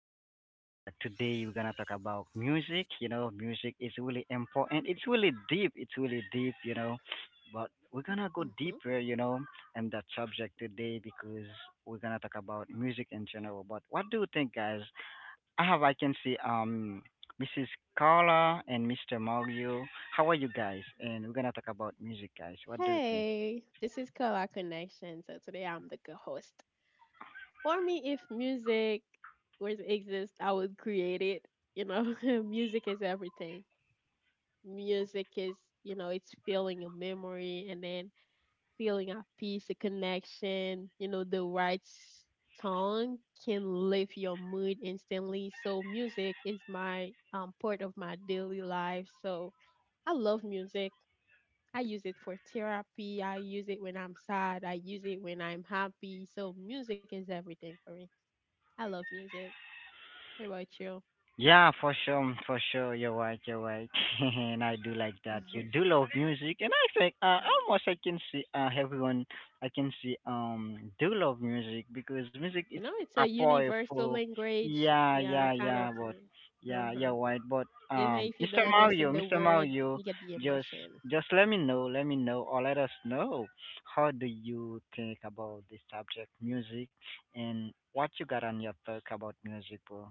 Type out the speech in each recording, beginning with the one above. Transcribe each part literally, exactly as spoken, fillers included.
come back, we come back. Today we're gonna talk about music. You know, music is really important. It's really deep. It's really deep. You know, but we're gonna go hmm deeper. You know, in that subject today because we're gonna talk about music in general. But what do you think, guys? I have, I can see, um, Missus Carla and Mister Mario. How are you guys? And we're gonna talk about music, guys. What do you think? Hey, this is Color Connection. So today I'm the co-host. For me, if music was exist, I would create it. You know, music is everything. Music is, you know, it's feeling a memory, and then feeling at peace, a connection, you know, the right song can lift your mood instantly. So music is my um part of my daily life. So I love music. I use it for therapy. I use it when I'm sad. I use it when I'm happy. So music is everything for me. I love music. What about you? Yeah, for sure, for sure. You're right, you're right. And I do like that. You do love music, and I think uh, almost I can see uh, everyone. I can see um do love music because music You is know, it's a a universal powerful. language. Yeah, Yeah, yeah, kind of yeah. But thing. Uh yeah, huh. you're right. But Even um, if you don't Mister understand Mario, the Mr. word, Mario, you get the just emotion. just let me know, let me know, or let us know how do you think about the subject music and what you got on your talk about music, bro.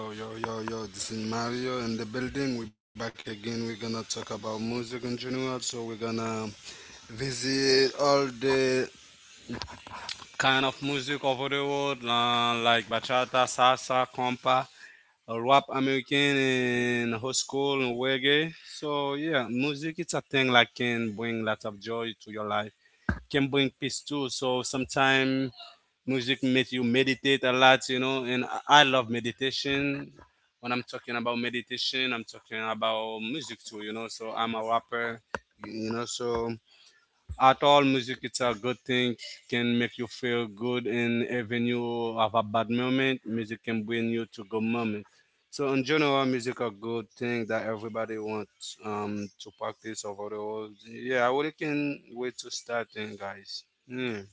Yo, yo, yo, yo, this is Mario in the building. We're back again. We're gonna talk about music in general. So, we're gonna visit all the kind of music over the world, uh, like bachata, salsa, compa, uh, rap American, and hot school, and reggae. So, yeah, music it's a thing like can bring lots of joy to your life, can bring peace too. So, sometimes music makes you meditate a lot, you know, and I I love meditation. When I'm talking about meditation, I'm talking about music too, you know. So I'm a rapper, you know. So at all, music it's a good thing. Can make you feel good, and even you have a bad moment, music can bring you to good moment. So in general, music a good thing that everybody wants um to practice over the world. Yeah, I really can wait to start, then, guys. Yeah.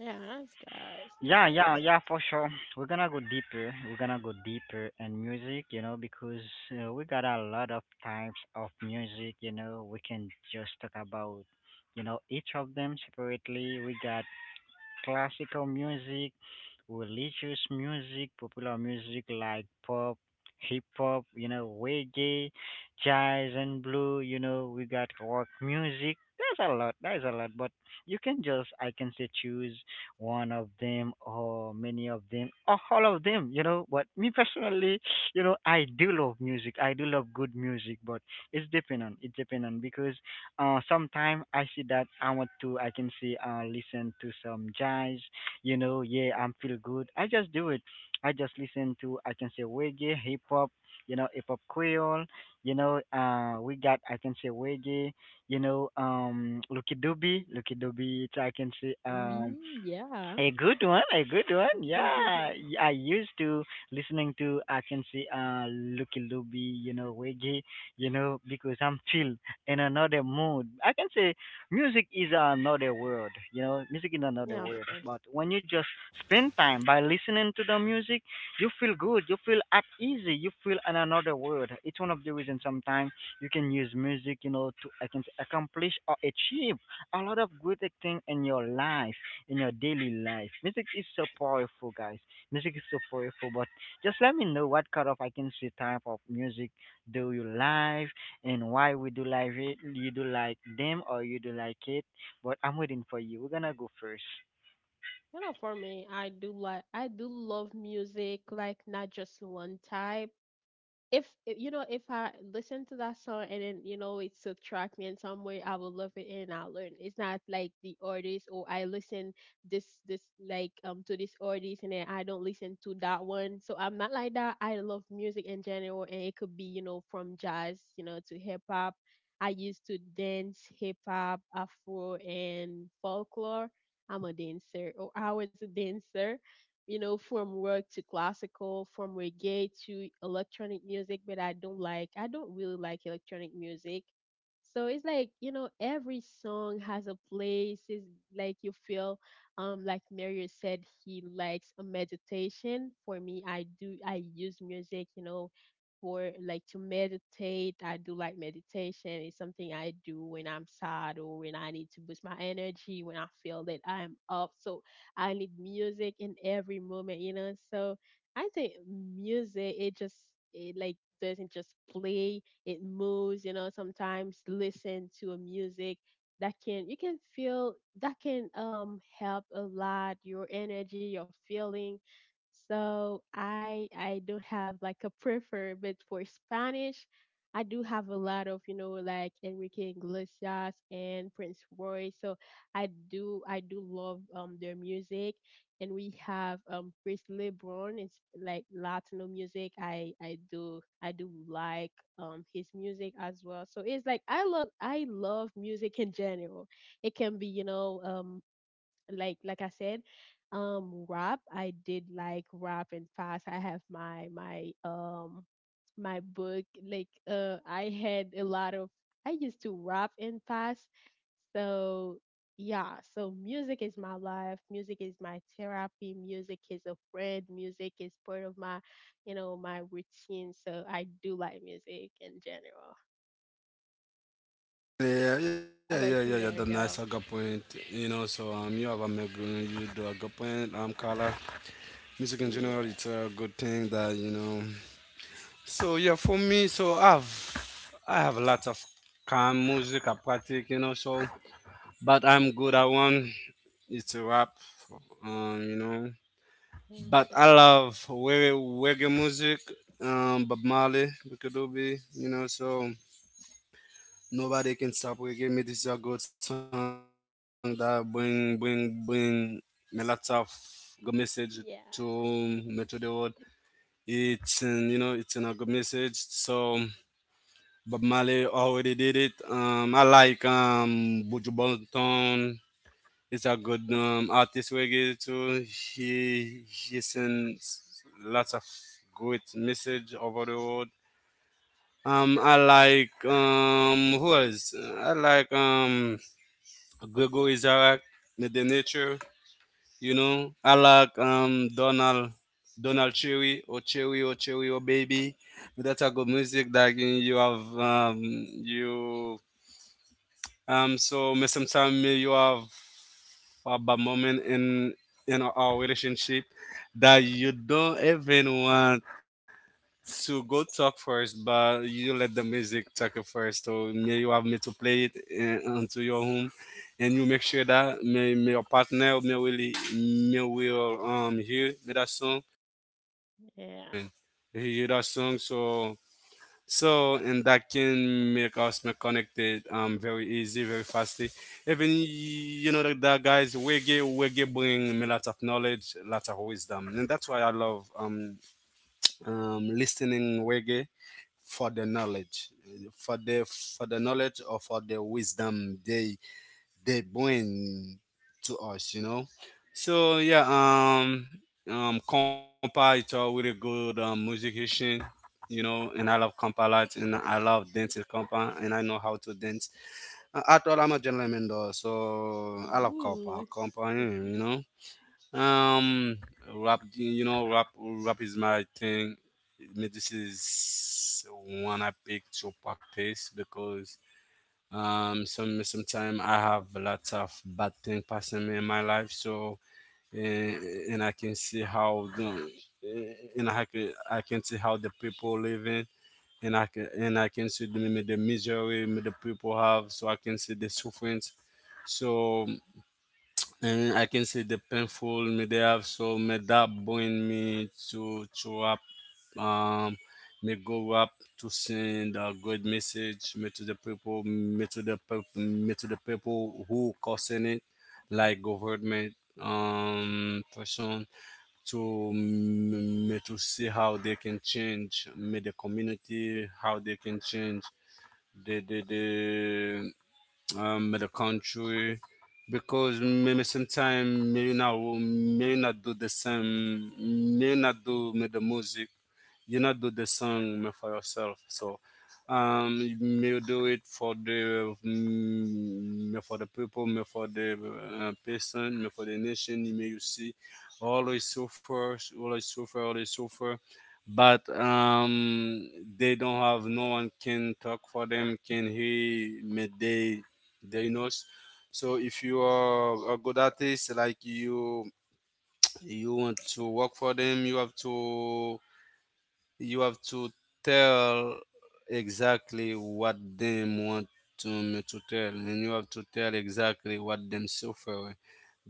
Yeah, nice guys, Yeah, yeah, nice. yeah, for sure. We're gonna go deeper. We're gonna go deeper in music, you know, because uh, we got a lot of types of music, you know. We can just talk about, you know, each of them separately. We got classical music, religious music, popular music like pop, hip hop, you know, reggae, jazz and blue, you know, we got rock music. There's a lot, there's a lot, but you can just, I can say, choose one of them or many of them or all of them, you know. But me personally, you know, I do love music. I do love good music, but it's depend on, it depend on because uh, sometime I see that I want to, I can see, uh, listen to some jazz, you know, yeah, I'm feel good. I just do it. I just listen to, I can say reggae, hip hop, you know, hip hop creole, you know, uh, we got, I can say reggae, you know, um, Lucky Doobie, Lucky Doobie, it's, I can say, um, We, yeah. a good one, a good one. Yeah, I used to listening to I can see uh Lucky Luby, you know, Wiggy, you know, because I'm chill in another mood. I can say music is another world, you know, music is another Yeah, of world. course. But when you just spend time by listening to the music, you feel good, you feel at easy, you feel in another world. It's one of the reasons sometimes you can use music, you know, to I can say, accomplish or achieve a lot of good thing in your life in your daily life. Music is so powerful, guys. Music is so powerful, but just let me know what kind of I can see type of music do you like and why we do like it. You do like them or you do like it. But I'm waiting for you. We're gonna go first. You know, for me, I do like I do love music, like not just one type. If if- you know, if I listen to that song and then you know it subtract me in some way, I will love it and I'll learn. It's not like the artist or I listen this this like um to this artist and then I don't listen to that one. So I'm not like that. I love music in general, and it could be, you know, from jazz, you know, to hip-hop. I used to dance hip-hop, afro, and folklore. I'm a dancer, or I was a dancer, you know, from rock to classical, from reggae to electronic music, but I don't like, I don't really like electronic music. So it's like, you know, every song has a place. It's like you feel, um, like Mario said, he likes a meditation. For me, I do, I use music, you know, for like to meditate. I do like meditation. It's something I do when I'm sad or when I need to boost my energy, when I feel that I'm up. So I need music in every moment, you know. So I think music it just it like doesn't just play, it moves, you know. Sometimes listen to a music that can you can feel that can um help a lot your energy, your feeling. So I I don't have like a prefer, but for Spanish, I do have a lot of, you know, like Enrique Iglesias and Prince Roy. So I do I do love um their music, and we have um Chris LeBron. It's like Latino music. I I do I do like um his music as well. So it's like I love I love music in general. It can be, you know um like like I said, um rap. I did like rap and fast. I have my my um my book. Like uh I had a lot of I used to rap and fast. So yeah, so music is my life. Music is my therapy. Music is a friend. Music is part of my, you know, my routine. So I do like music in general. Yeah, yeah, yeah, yeah, How yeah. about That you, nice a good Mario? point. You know, so um, you have a make you do a good point. Um, Carla, music in general, Yeah. it's a good thing that you know. So yeah, for me, so I've I have lots of calm music I practice, you know. So, but I'm good at one. It's a rap, um, you know. But I Hmm. love reggae, reggae music, um, Bob Marley, Bukadoobi, you know. So nobody can stop with give me. This is a good song that bring bring bring me lots of good message to Yeah. me to the world. It's in, you know it's in a good message. So Bob Marley already did it. Um, I like um Buju Banton. It's a good um, artist reggae too. He he sends lots of good message over the world. Um, I like um who else? I like um Gregory Zarak, The Nature. You know, I like um Donald Donald Cherry or Cherry or Cherry or Baby. That's a good music that you you have um you um so may sometimes you have a bad moment in in our our relationship that you don't even want so go talk first, but you let the music talk it first. So may you have me to play it uh, onto your home, and you make sure that may, may your partner may really may will um hear me that song, Yeah. he hear that song. So so and that can make us more connected um very easy, very fastly. Even you know that, that guys reggae reggae bring me lots of knowledge, lots of wisdom, and that's why I love um um listening reggae for the knowledge for the for the knowledge or for the wisdom they they bring to us you know so yeah um um compa it's a really good um, musician you know and I love compa a lot and I love dancing compa and I know how to dance uh, at all I'm a gentleman though so I love compa Ooh. compa yeah, you know um, rap, you know, rap, rap is my thing. Me- This is one I pick to practice because um, some sometimes I have lots of bad thing passing me in my life. So and, and I can see how the eh, and I can I can see how the people living. And I can and I can see the, the misery the people have, so I can see the sufferings. So and I can see the painful me they have so me that bring me to to up um me go up to send a good message me to the people me to the peop- me to the people who causing it like government um person to m- me to see how they can change me the community how they can change the the the um, in the country because maybe sometime maybe not maybe not do the same maybe not do me the music you not do the song me for yourself so um me do it for the mm, me for the people me for the uh, person me for the nation me you see always suffer always suffer always suffer but um they don't have no one can talk for them can hear me they diagnosed. So if you are a good artist, like you you want to work for them, you have to you have to tell exactly what them want to me to tell, and you have to tell exactly what them suffer.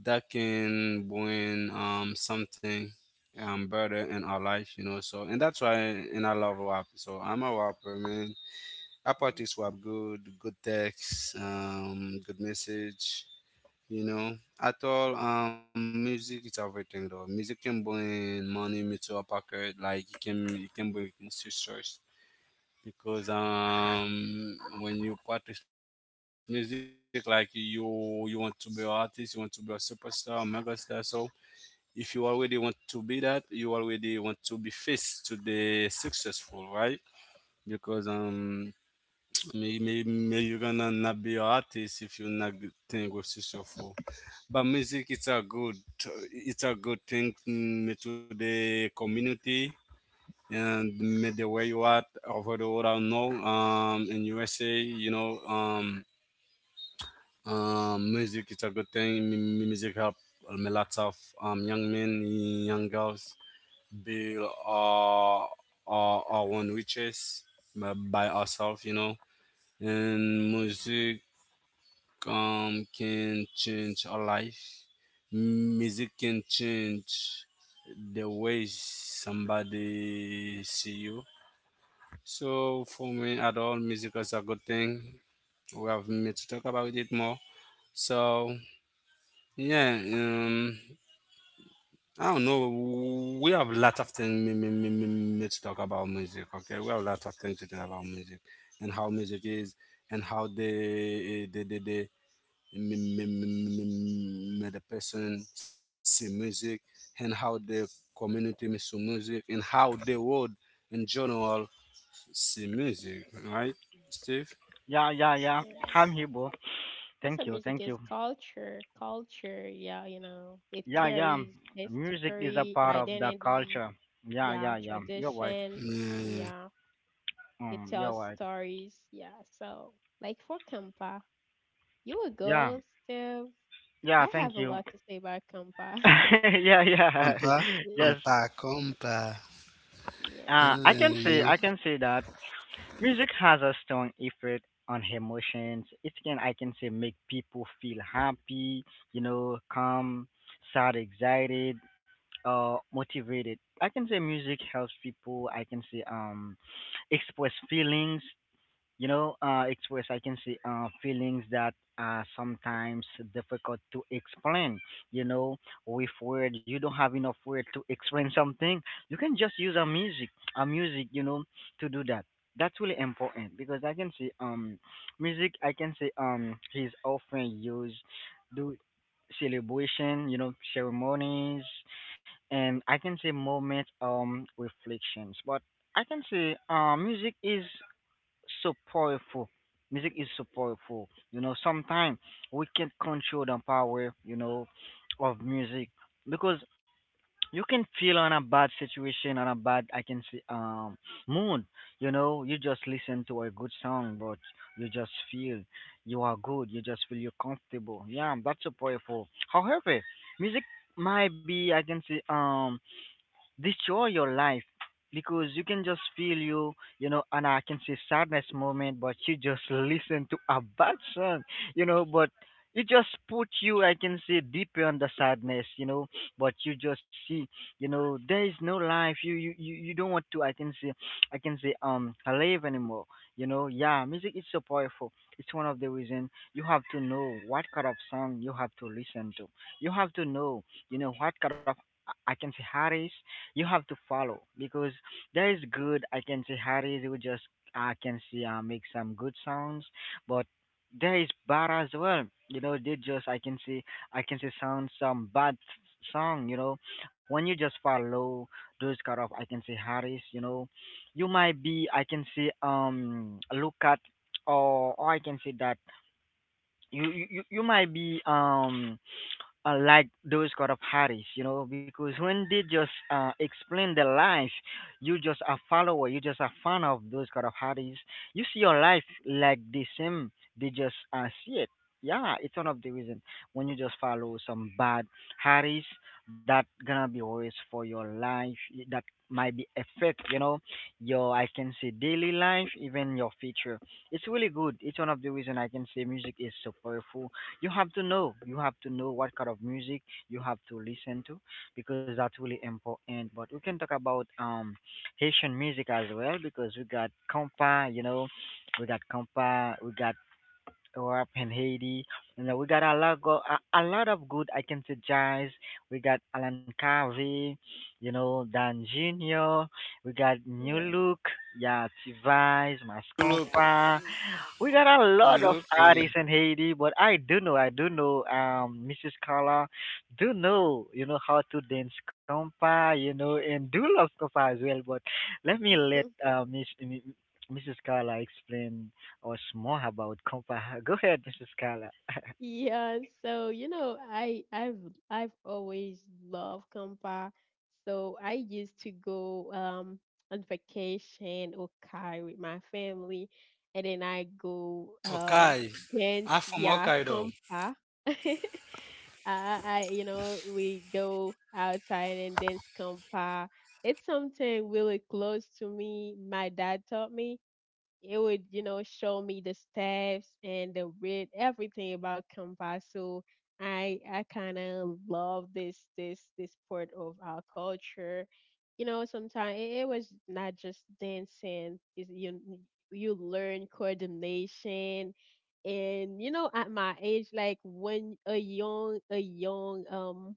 That can bring um something um better in our life, you know. So and that's why and I love rap. So I'm a rapper, man. I practice rap good, good text, um, good message you know at all um music is everything though music can bring money into a pocket like it can it can bring in success because um when you practice music like you you want to be an artist you want to be a superstar a megastar so if you already want to be that you already want to be faced to the successful right because um maybe, maybe you gonna not be an artist if you not good thing with successful. But music, it's a good, it's a good thing mm, to the community and mm, the way you are over the world. I know, um, in U S A, you know, um, um, music, it's a good thing. M- music help um, a lot of um young men, young girls be uh, uh, uh one riches by by ourselves, you know and music um, can change our life. Music can change the way somebody see you. So for me, at all, music is a good thing. We have me to talk about it more. So yeah, um, I don't know. We have a lot of things me, me, me, me, me to talk about music. Okay, we have a lot of things to talk about music and how music is and how the the the, the m- m- m- m- the person see music and how the community see music and how the world in general see music, right, Steve? Yeah, yeah, yeah. Yeah, I'm here, bro. that's Thank you, music thank is you. culture. Culture, yeah, you know, it Yeah, yeah. carries Music is a history, part of the identity, culture. Yeah, yeah, yeah, yeah. You're right. tradition, Yeah, yeah. yeah, it Um, you're tells right. stories, yeah. So, like for Kampa, you would Yeah, go still. yeah. I have Thank a you. lot to say about Kampa. Yeah, yeah. Compa, Yes. compa, compa. Yeah, Uh, It'll, I uh, can you say know. I can say that music has a strong effect on emotions. It can I can say make people feel happy, you know, calm, sad, excited, uh, motivated. I can say music helps people. I can say um express feelings, you know, uh, express, I can say, uh, feelings that are sometimes difficult to explain. You know, with word, you don't have enough word to explain something. You can just use a music, a music, you know, to do that. That's really important because I can say, um, music, I can say, um, is often used do celebration, you know, ceremonies, and I can say moments, um, reflections. But I can say, uh, music is so powerful. Music is so powerful. You know, sometimes we can't control the power, you know, of music because you can feel on a bad situation, on a bad, I can say, um, mood. You know, you just listen to a good song, but you just feel you are good. You just feel you're comfortable. Yeah, that's so powerful. However, music might be, I can say, um, destroy your life because you can just feel you, you know, and I can see sadness moment but you just listen to a bad song, you know, but it just put you, I can say, deeper on the sadness, you know, but you just see, you know, there is no life, you you you, you don't want to I can say, i can say um live anymore, you know. Yeah, music is so powerful. It's one of the reason you have to know what kind of song you have to listen to. You have to know, you know, what kind of i I can say artist you have to follow because there is good. I can see Harry who just I can see uh, make some good sounds, but there is bad as well. You know, they just I can see I can see sound some bad song. You know, when you just follow those kind of I can see Harry's. You know, you might be I can see um look at or or I can say that you you you you might be um uh, like those kind of Harris, you know, because when they just uh, explain their life, you just a follower, you just a fan of those kind of Harris. You see your life like the same, they just uh, see it. Yeah, it's one of the reason when you just follow some bad Harris, that gonna be always for your life. y- That might be affect, you know, your I can say daily life, even your future. It's really good. It's one of the reason I can say music is so powerful. You have to know. You have to know what kind of music you have to listen to because that's really important. But we can talk about um Haitian music as well because we got compa, you know, we got compa, we got we're up in Haiti. You know, we got a lot go a, a lot of good I can suggest. We got Alan Carvey, you know, Dan Junior. We got New yeah. Look, yeah, Tivise, You look, Mascompa. We got a you look, lot of uh, artists in Haiti, but I do know, I do know, um, Missus Carla, do know, you know how to dance compa, you know, and do love compa as well. But let me let uh, Miss M- Missus Carla explain us more about Compa. Go ahead, Mister Scala. Yeah, so you know, I I've I've always loved Kampa. So I used to go um on vacation or Kai with my family, and then I go um okay. dance, I'm from yeah, Hokkaido. Kampa. I, I you know, we go outside and dance Kampa. It's something really close to me. My dad taught me. It would, you know, show me the steps and the read everything about Kampa. So I I kind of love this this this part of our culture. You know, sometimes it, it was not just dancing. Is you you learn coordination, and you know, at my age, like when a young a young um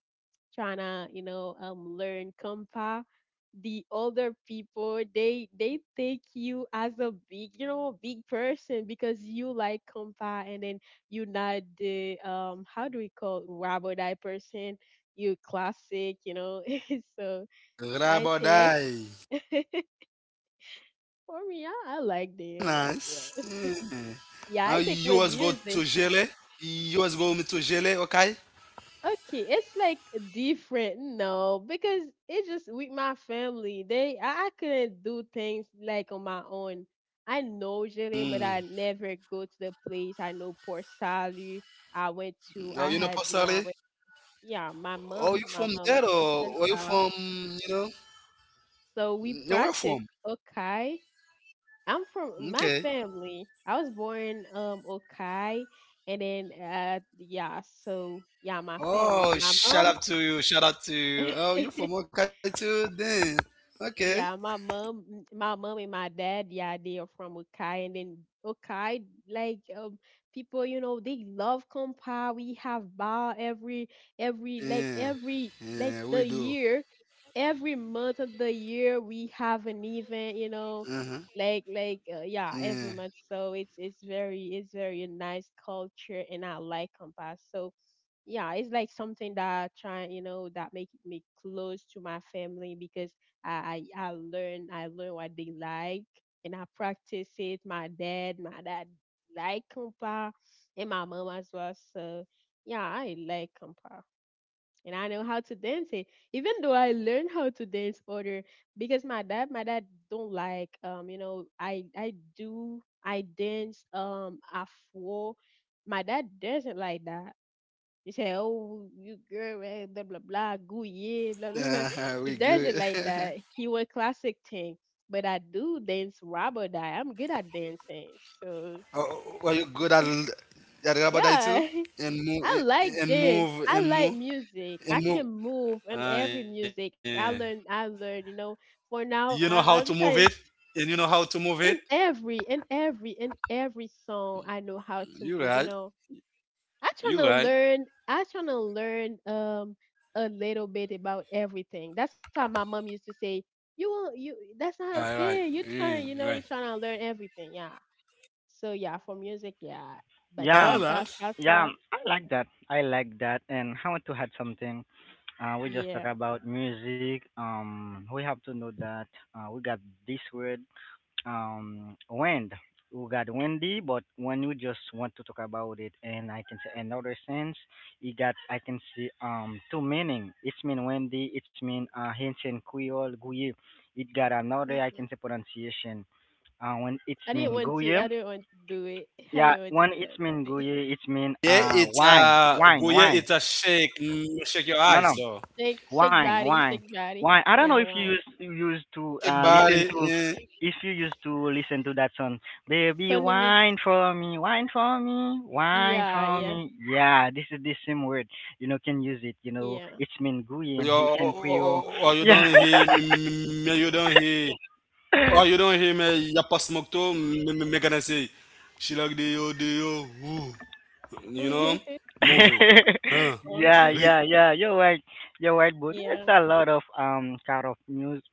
trying to, you know um, learn compa, the older people, they they take you as a big, you know big person because you like compa, and then you're not the um how do we call it, rubber die person. You classic, you know so Grab or I die. think for me, i, I like them Nice. as well. Yeah. Uh, yeah, you I was think go with to music. Jele. You was go me to Jele, okay? Okay, it's like different, no, because it's just with my family. They I, I couldn't do things like on my own. I know Jele, but Mm. I never go to the place. I know Port Salut. I went to Oh, I you know, had, you know, I Pasale? went, yeah. my Oh, mom, you my from mom is there from or are you Chantal. from, you know, So we you where practice from? Okai. I'm from my Okay. family. I was born um Okai, and then uh yeah, so yeah, my family. Oh, My shout mom. out to you. Shout out to you. Oh, you from Okai too? Then. Okay. Yeah, my mom, m- my mom and my dad, yeah, they are from Okai. And then Okai, like, um, people, you know, they love compa. We have bar every, every, Yeah. like every, Yeah, we like do. the year, every month of the year, we have an event, you Uh-huh. know, like like uh, yeah, Yeah. every month. So it's it's very it's very a nice culture, and I like compa. So yeah, it's like something that try, you know, that make me close to my family because I I, I learn I learn what they like, and I practice it. My dad, my dad like compa, and my mom as well. So yeah, I like compa. And I know how to dance it, even though I learned how to dance other because my dad, my dad don't like, um, you know, I I do I dance um afro. My dad doesn't like that. You say, "Oh, you girl, eh, blah blah blah, goo yeah, blah blah blah." Uh-huh, He we does it good. like that. He want classic thing, but I do dance rap or die. I'm good at dancing, so Oh, were you good at l- at Rabadai too? yeah. And move I and like move dance. and I move like music. and I move. can move in Ah, every yeah. music. I learn. I learn. You know, You for know how to now, move it? I, I'm And trying you know how to move it? in every in every in every song. I know how You to right. move. You know, I You trying to right. learn. I trying to learn um a little bit about everything. That's why my mom used to say, "You won't. You that's Alright, not okay. mm, You right. trying. You know, you're trying to learn everything. Yeah." So yeah, for music, yeah, Ah, Yeah, nice. um, bachata, yeah, um, salsa, I like that. I like that. And I want to add something. Uh, we just talk yeah. about music. Um, we have to know that uh, we got this word, um, wind. We got windy, but when you just want to talk about it, and I can say another sense, you got I can see um two meaning. It's mean windy. It's mean uh, ancient Creole, Guye. It got another I Hmm. can say pronunciation. Uh, when I it's didn't mean want to. I guye, didn't want to do it. I yeah. didn't want to When it's mean dance. guye, it's mean Yeah, uh it's wine, uh wine, go yeah, wine. it's a shake. Mm, shake your No, no, eyes though. Shake, shake wine, body, wine, shake body. wine. I don't Yeah, know if you why? used you used to Shake uh body. listen to, eh, if you used to listen to that song, baby, Tony mix. wine for me, wine for me, wine Yeah, for yeah, me. Yeah, this is the same word. You know, can use it. You know, yeah. it's mean guye in Your Haitian Creole. or, or you Yeah. don't hear me, me- me- me- you don't hear or you don't hear me ya pas smoke to me, me, me gonna say she like the yo the yo woo. You know? Move it. Long Huh. song. Yeah, Re- yeah, yeah. You're right. You're right, but there's Yeah. a lot of um kind of music,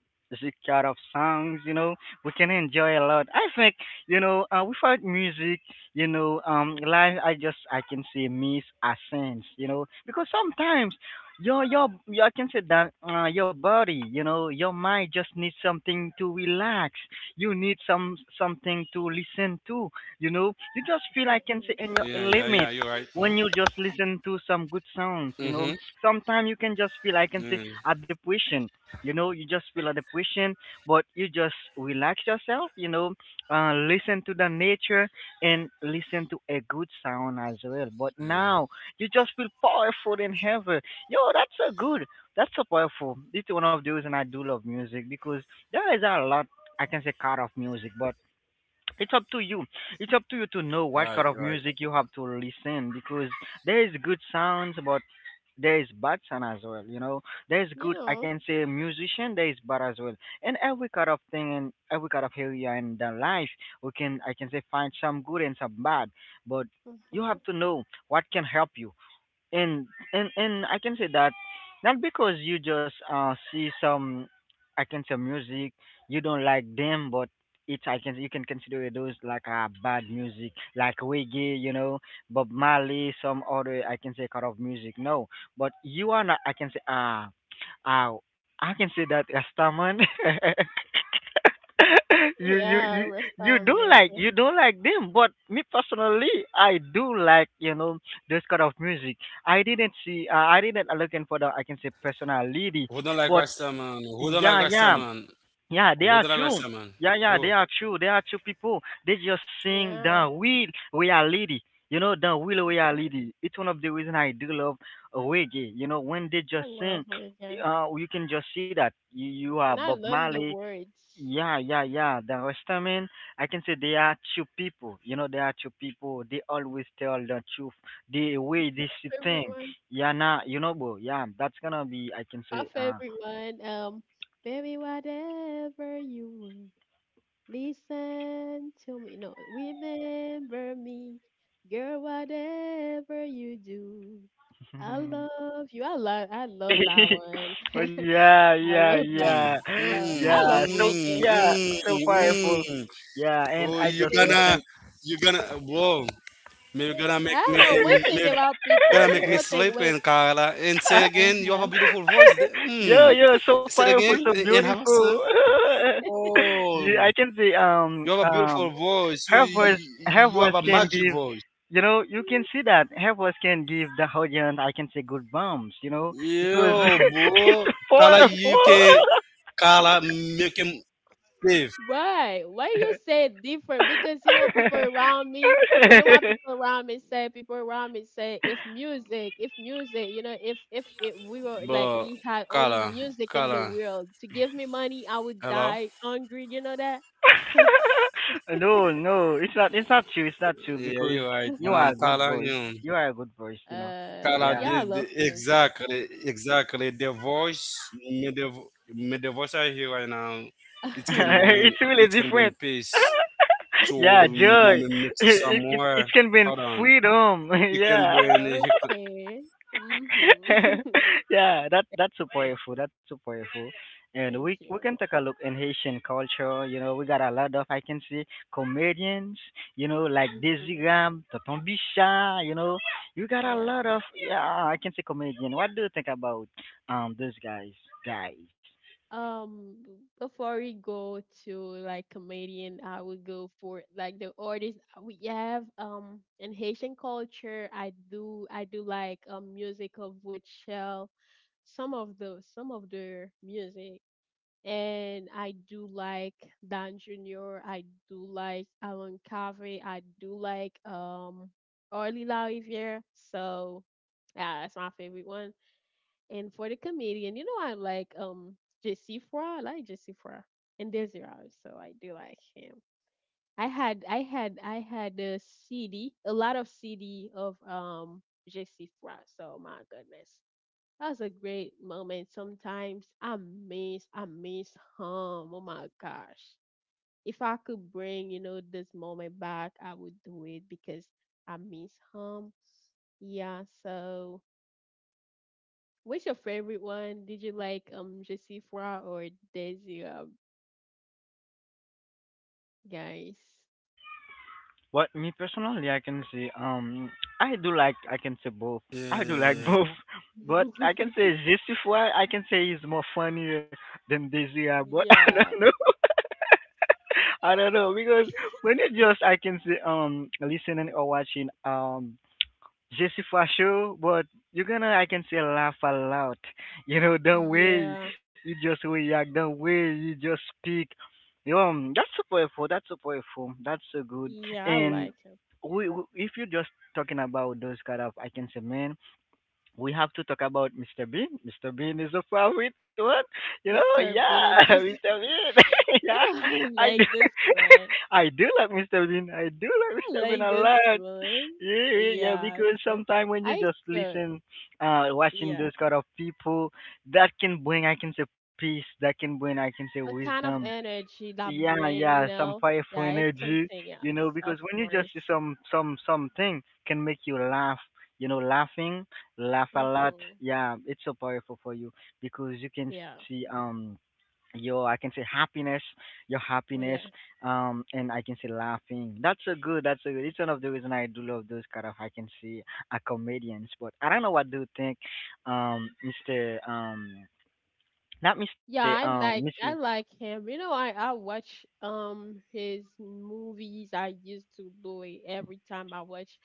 kind of songs. You know, we can enjoy a lot. I think you know uh, without music, you know, um, life. I just I can say miss a sense. You know, because sometimes your your, your I can say that uh, your body, you know, your mind just needs something to relax. You need some something to listen to. You know, you just Yeah, feel yeah, I yeah, can say Hmm. you're in right. your Huh? element when you just listen to some Mm-hmm. good sounds, you know, sometimes you can Mm, just feel, I can say, a depression. You know, you just feel a depression, but you just relax yourself, you know, uh, listen to the nature and listen to a good sound as well. yeah. But now you just feel powerful in heaven. Yo, that's so good. That's so powerful. It's one of the reasons I do love music because there is a lot, I can say, kind of music, but it's up to you it's up to you to know what Right, kind of right. music you have to listen because there is good sounds, but there is bad sound as well, you know, there is You good, I know. can say, musician, there is bad as well. And every kind of thing in every kind of area in the life, we can, I can say, find some good and some bad. But you Mhm. have to know what can help you. And and and I can say that, not because you just uh see some, I can say, music, you don't like them, but it's, I can, you can consider those like, uh, bad music like reggae, you know, Bob Marley, some other, I can say, kind of music. No, but you are not, I can say, uh uh I can say that Rastaman. you you Yeah, you you restaurant don't like, music. you don't like them, but me personally, I do like, you know, this kind of music. I didn't see. Uh, I didn't looking for the, I can say, Who don't personality, like but Rasta man? Who don't like yeah, Rasta yeah, man? yeah. They are Rodrigo Garcia, true. man. Yeah, yeah. Oh, They are true. They are true people. They just sing the Yeah. real reality. You know, the real Hmm. reality. It's one of the reason I do love reggae. You know, when they I just love sing, reggae. uh, you can just see that you, you are And I Bob learned the Marley, words. yeah, yeah, yeah. The Rastaman, I can say they are two people. You know, they are two people. They always tell the truth. The way this Favorite thing. one. Yeah, nah, you know, bro. Yeah, that's gonna be, I can My say, uh. favorite one. Um, baby, whatever you want, listen to me. No, remember me, girl. Whatever you do, I love you. I love. I love that one. Oh, I yeah, yeah, love that. mm, yeah, Uh, mm, I love yeah. So mm, reggae. yeah, mm, so powerful. mm. Yeah, and Oh, I you just gonna, listen. you gonna, whoa, may you Eh, gonna make I me, know one thing may you gonna about make me people. sleep People and think, wait, Carla. And say it again, you have a uh beautiful huh. voice. The- Mm. Yeah, yeah, Say it so again powerful, a- so and have a son. beautiful. Oh, Yeah, I can say you have a um beautiful um voice. You, her voice you you her have a voice magic can give, voice. you know, you can see that her voice can give the audience, I can say, good bumps, you know, because Yo, it's bro. Carla, you powerful. can, Carla, make him live. Why? Why you say different? Because, you know, people around me. You know what people around me say? People around me say, if music, if music, you know, if if it, we were like But, we had only Carla, music in the Carla. world to give me money, I would Hello? die hungry. You know that? No, no, it's not. It's not true. It's not true Yeah, because you're right. you Um, are a good Carla, you voice. know, You are a good voice, you know. uh, Carla yeah, Yeah. I did love the- music. exactly, exactly. The voice, me the, vo- me the voice I hear right now, uh, it can It's bring, really it different. can bring peace Yeah, to joy. me, me, me, It, to it it can somewhere. mean Hold on, freedom. Yeah. it can bring, it can, okay. Mhm. Yeah, that that's so powerful. That's so powerful. And Thank we we you. can take a look in Haitian culture. You know, we got a lot of, I can see, comedians. You know, like Mhm. Desiram, Tonton Bicha. You know, you got a lot Yeah. of, yeah, I can say, comedian. What do you think about um those guys? Guys. Um, b- before we go to like comedian, I would go for like the artist uh, we have. Um, in Haitian culture, I do I do like um music of shell, some of the some of their music, and I do like Dan Junior. I do like Alan Carvey. I do like um Orly La Riviere. So yeah, that's my favorite one. And for the comedian, you know, I like um J C Fra. I like J C Fra and Desi Rose, so I do like him. I had I had I had a C D, a lot of C D of um J C Fra. So my goodness, that was a great moment. Sometimes I miss I miss him. Oh my gosh, if I could bring, you know, this moment back, I would do it because I miss him. Yeah, so what's your favorite one? Did you like um Josifra or Daisy, um, guys? What me personally, I can say, um, I do like, yeah, I can say, yeah, both. yeah. I do like both, but I can say Justify, I can say, is more funnier than Desire, but I Yeah. don't know. I don't know because when you just, I can say, um, listening or watching, um, Je, for sure, but you're gonna, I can say, laugh a lot. You know, the way Yeah. you just react, the way you just speak. Um, that's so powerful. That's so powerful. That's so good. Yeah, I And like him. we, we if you're just talking about those kind of, I can say, man, we have to talk about mister Bean. mister Bean is a favorite one. You know, mister yeah, Bean and just mister Bean. Yeah, you know, I I do. like this one. I do like mister Bean. I do like I mister Bean like a this lot. one. Yeah, yeah, yeah, Yeah. because So sometimes when you I just took listen, uh, watching yeah. those kind of people, that can bring, I can say, peace. That can bring, I can say, A kind wisdom. of energy that Yeah, bring, yeah, you some know. powerful Yeah, it's energy, something you know, else, of because when you just course. see some some something can make you laugh, you know, laughing, laugh a lot. Mm-hmm. Yeah, it's so powerful for you because you can Yeah. see um your, I can say, happiness, your Well, happiness, yeah. um, and I can say laughing. That's a good. That's a good. It's one of the reason I do love those kind of, I can see, a comedians. But I don't know, what do you think, um, Mister, um, not Mister, Yeah, um, I like missus I like him. You know, I I watch um his movies. I used to do it every time I watch.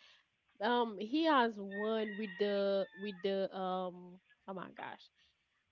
Um, he has one with the, with the um. Oh my gosh,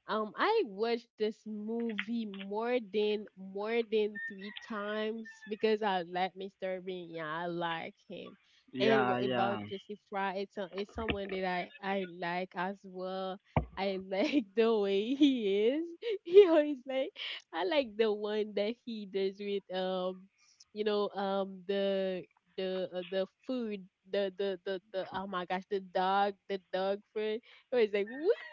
um, I watched this movie more than more than three times because I like mister Bean. Yeah, I like him. And Yeah, what about yeah. Jesse Fry? It's a, it's someone that I I like as well. I like the way he is. He always like I like the one that he does with um you know um the the uh, the food, the the the the oh my gosh, the dog the dog food. It was like wee,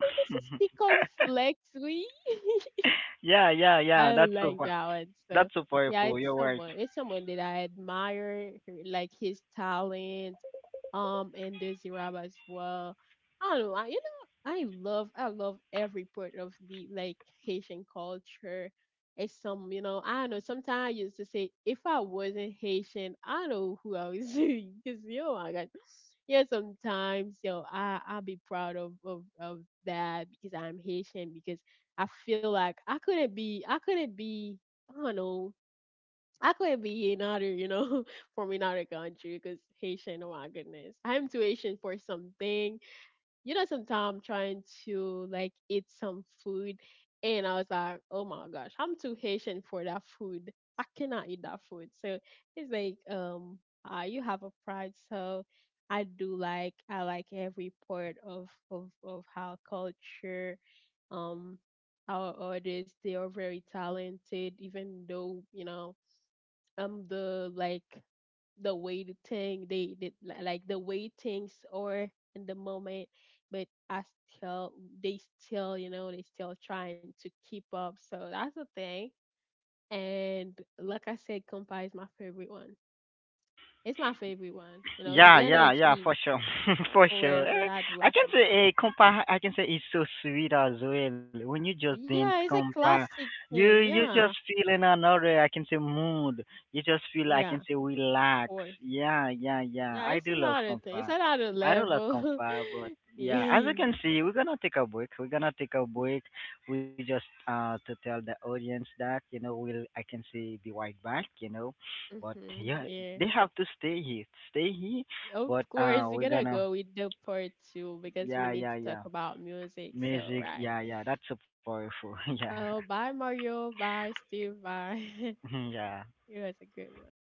what was this? The conflicts we? Yeah, yeah, yeah. I That's don't so, like that one. that's So so yeah, powerful. it's You're right. someone. It's someone that I admire, her- like his talent, um, and Dizzy Rab as well. I don't know. I, you know, I love, I love every part of the, like, Haitian culture. It's some, you know, I don't know. Sometimes I used to say, if I wasn't Haitian, I don't know who I was, because yo, I got, yeah, sometimes. So I I'll be proud of, of of that because I'm Haitian. Because I feel like I couldn't be I couldn't be I don't know, I couldn't be another, you know from another country, because Haitian. Oh my goodness, I'm too Haitian for something. You know, sometimes I'm trying to like eat some food, and I was like, oh my gosh, I'm too Haitian for that food. I cannot eat that food. So it's like, um, uh, you have a pride. So I do like, I like every part of of of our culture. Um, our artists, they are very talented, even though, you know, I'm the like the way the thing they did, like the way things are in the moment, but I still, they still, you know, they still trying to keep up. So that's the thing. And like I said, compa is my favorite one. It's my favorite one, you know. The Yeah, yeah, yeah, for energy, sure, for sure. forever, Eh, I do I like can say, compa. eh, compa, I can say it's so sweet as well. When you just dance Yeah, yeah, it's a compa, classic you thing. you just Yeah. feel in another, I can say, mood. You just feel, I Yeah, can say, of relax. course. Yeah, yeah, yeah. Yeah, I it's do love another thing. It's compa. another I do love level. compa, but yeah, as Yeah. you can see, we're gonna take a break. We're gonna take a break. We just uh to tell the audience that, you know, we'll, I can say, be right back. You know. But Hmm. yeah, Yeah. they have to stay here, stay here. Of But course, uh, we're we're gonna gonna, go with the part two because we yeah, need yeah, to talk yeah, about music. So, music, right. yeah, yeah, that's so powerful, yeah, Oh, bye, Mario. Bye, Steve. Bye. yeah. It was a good one.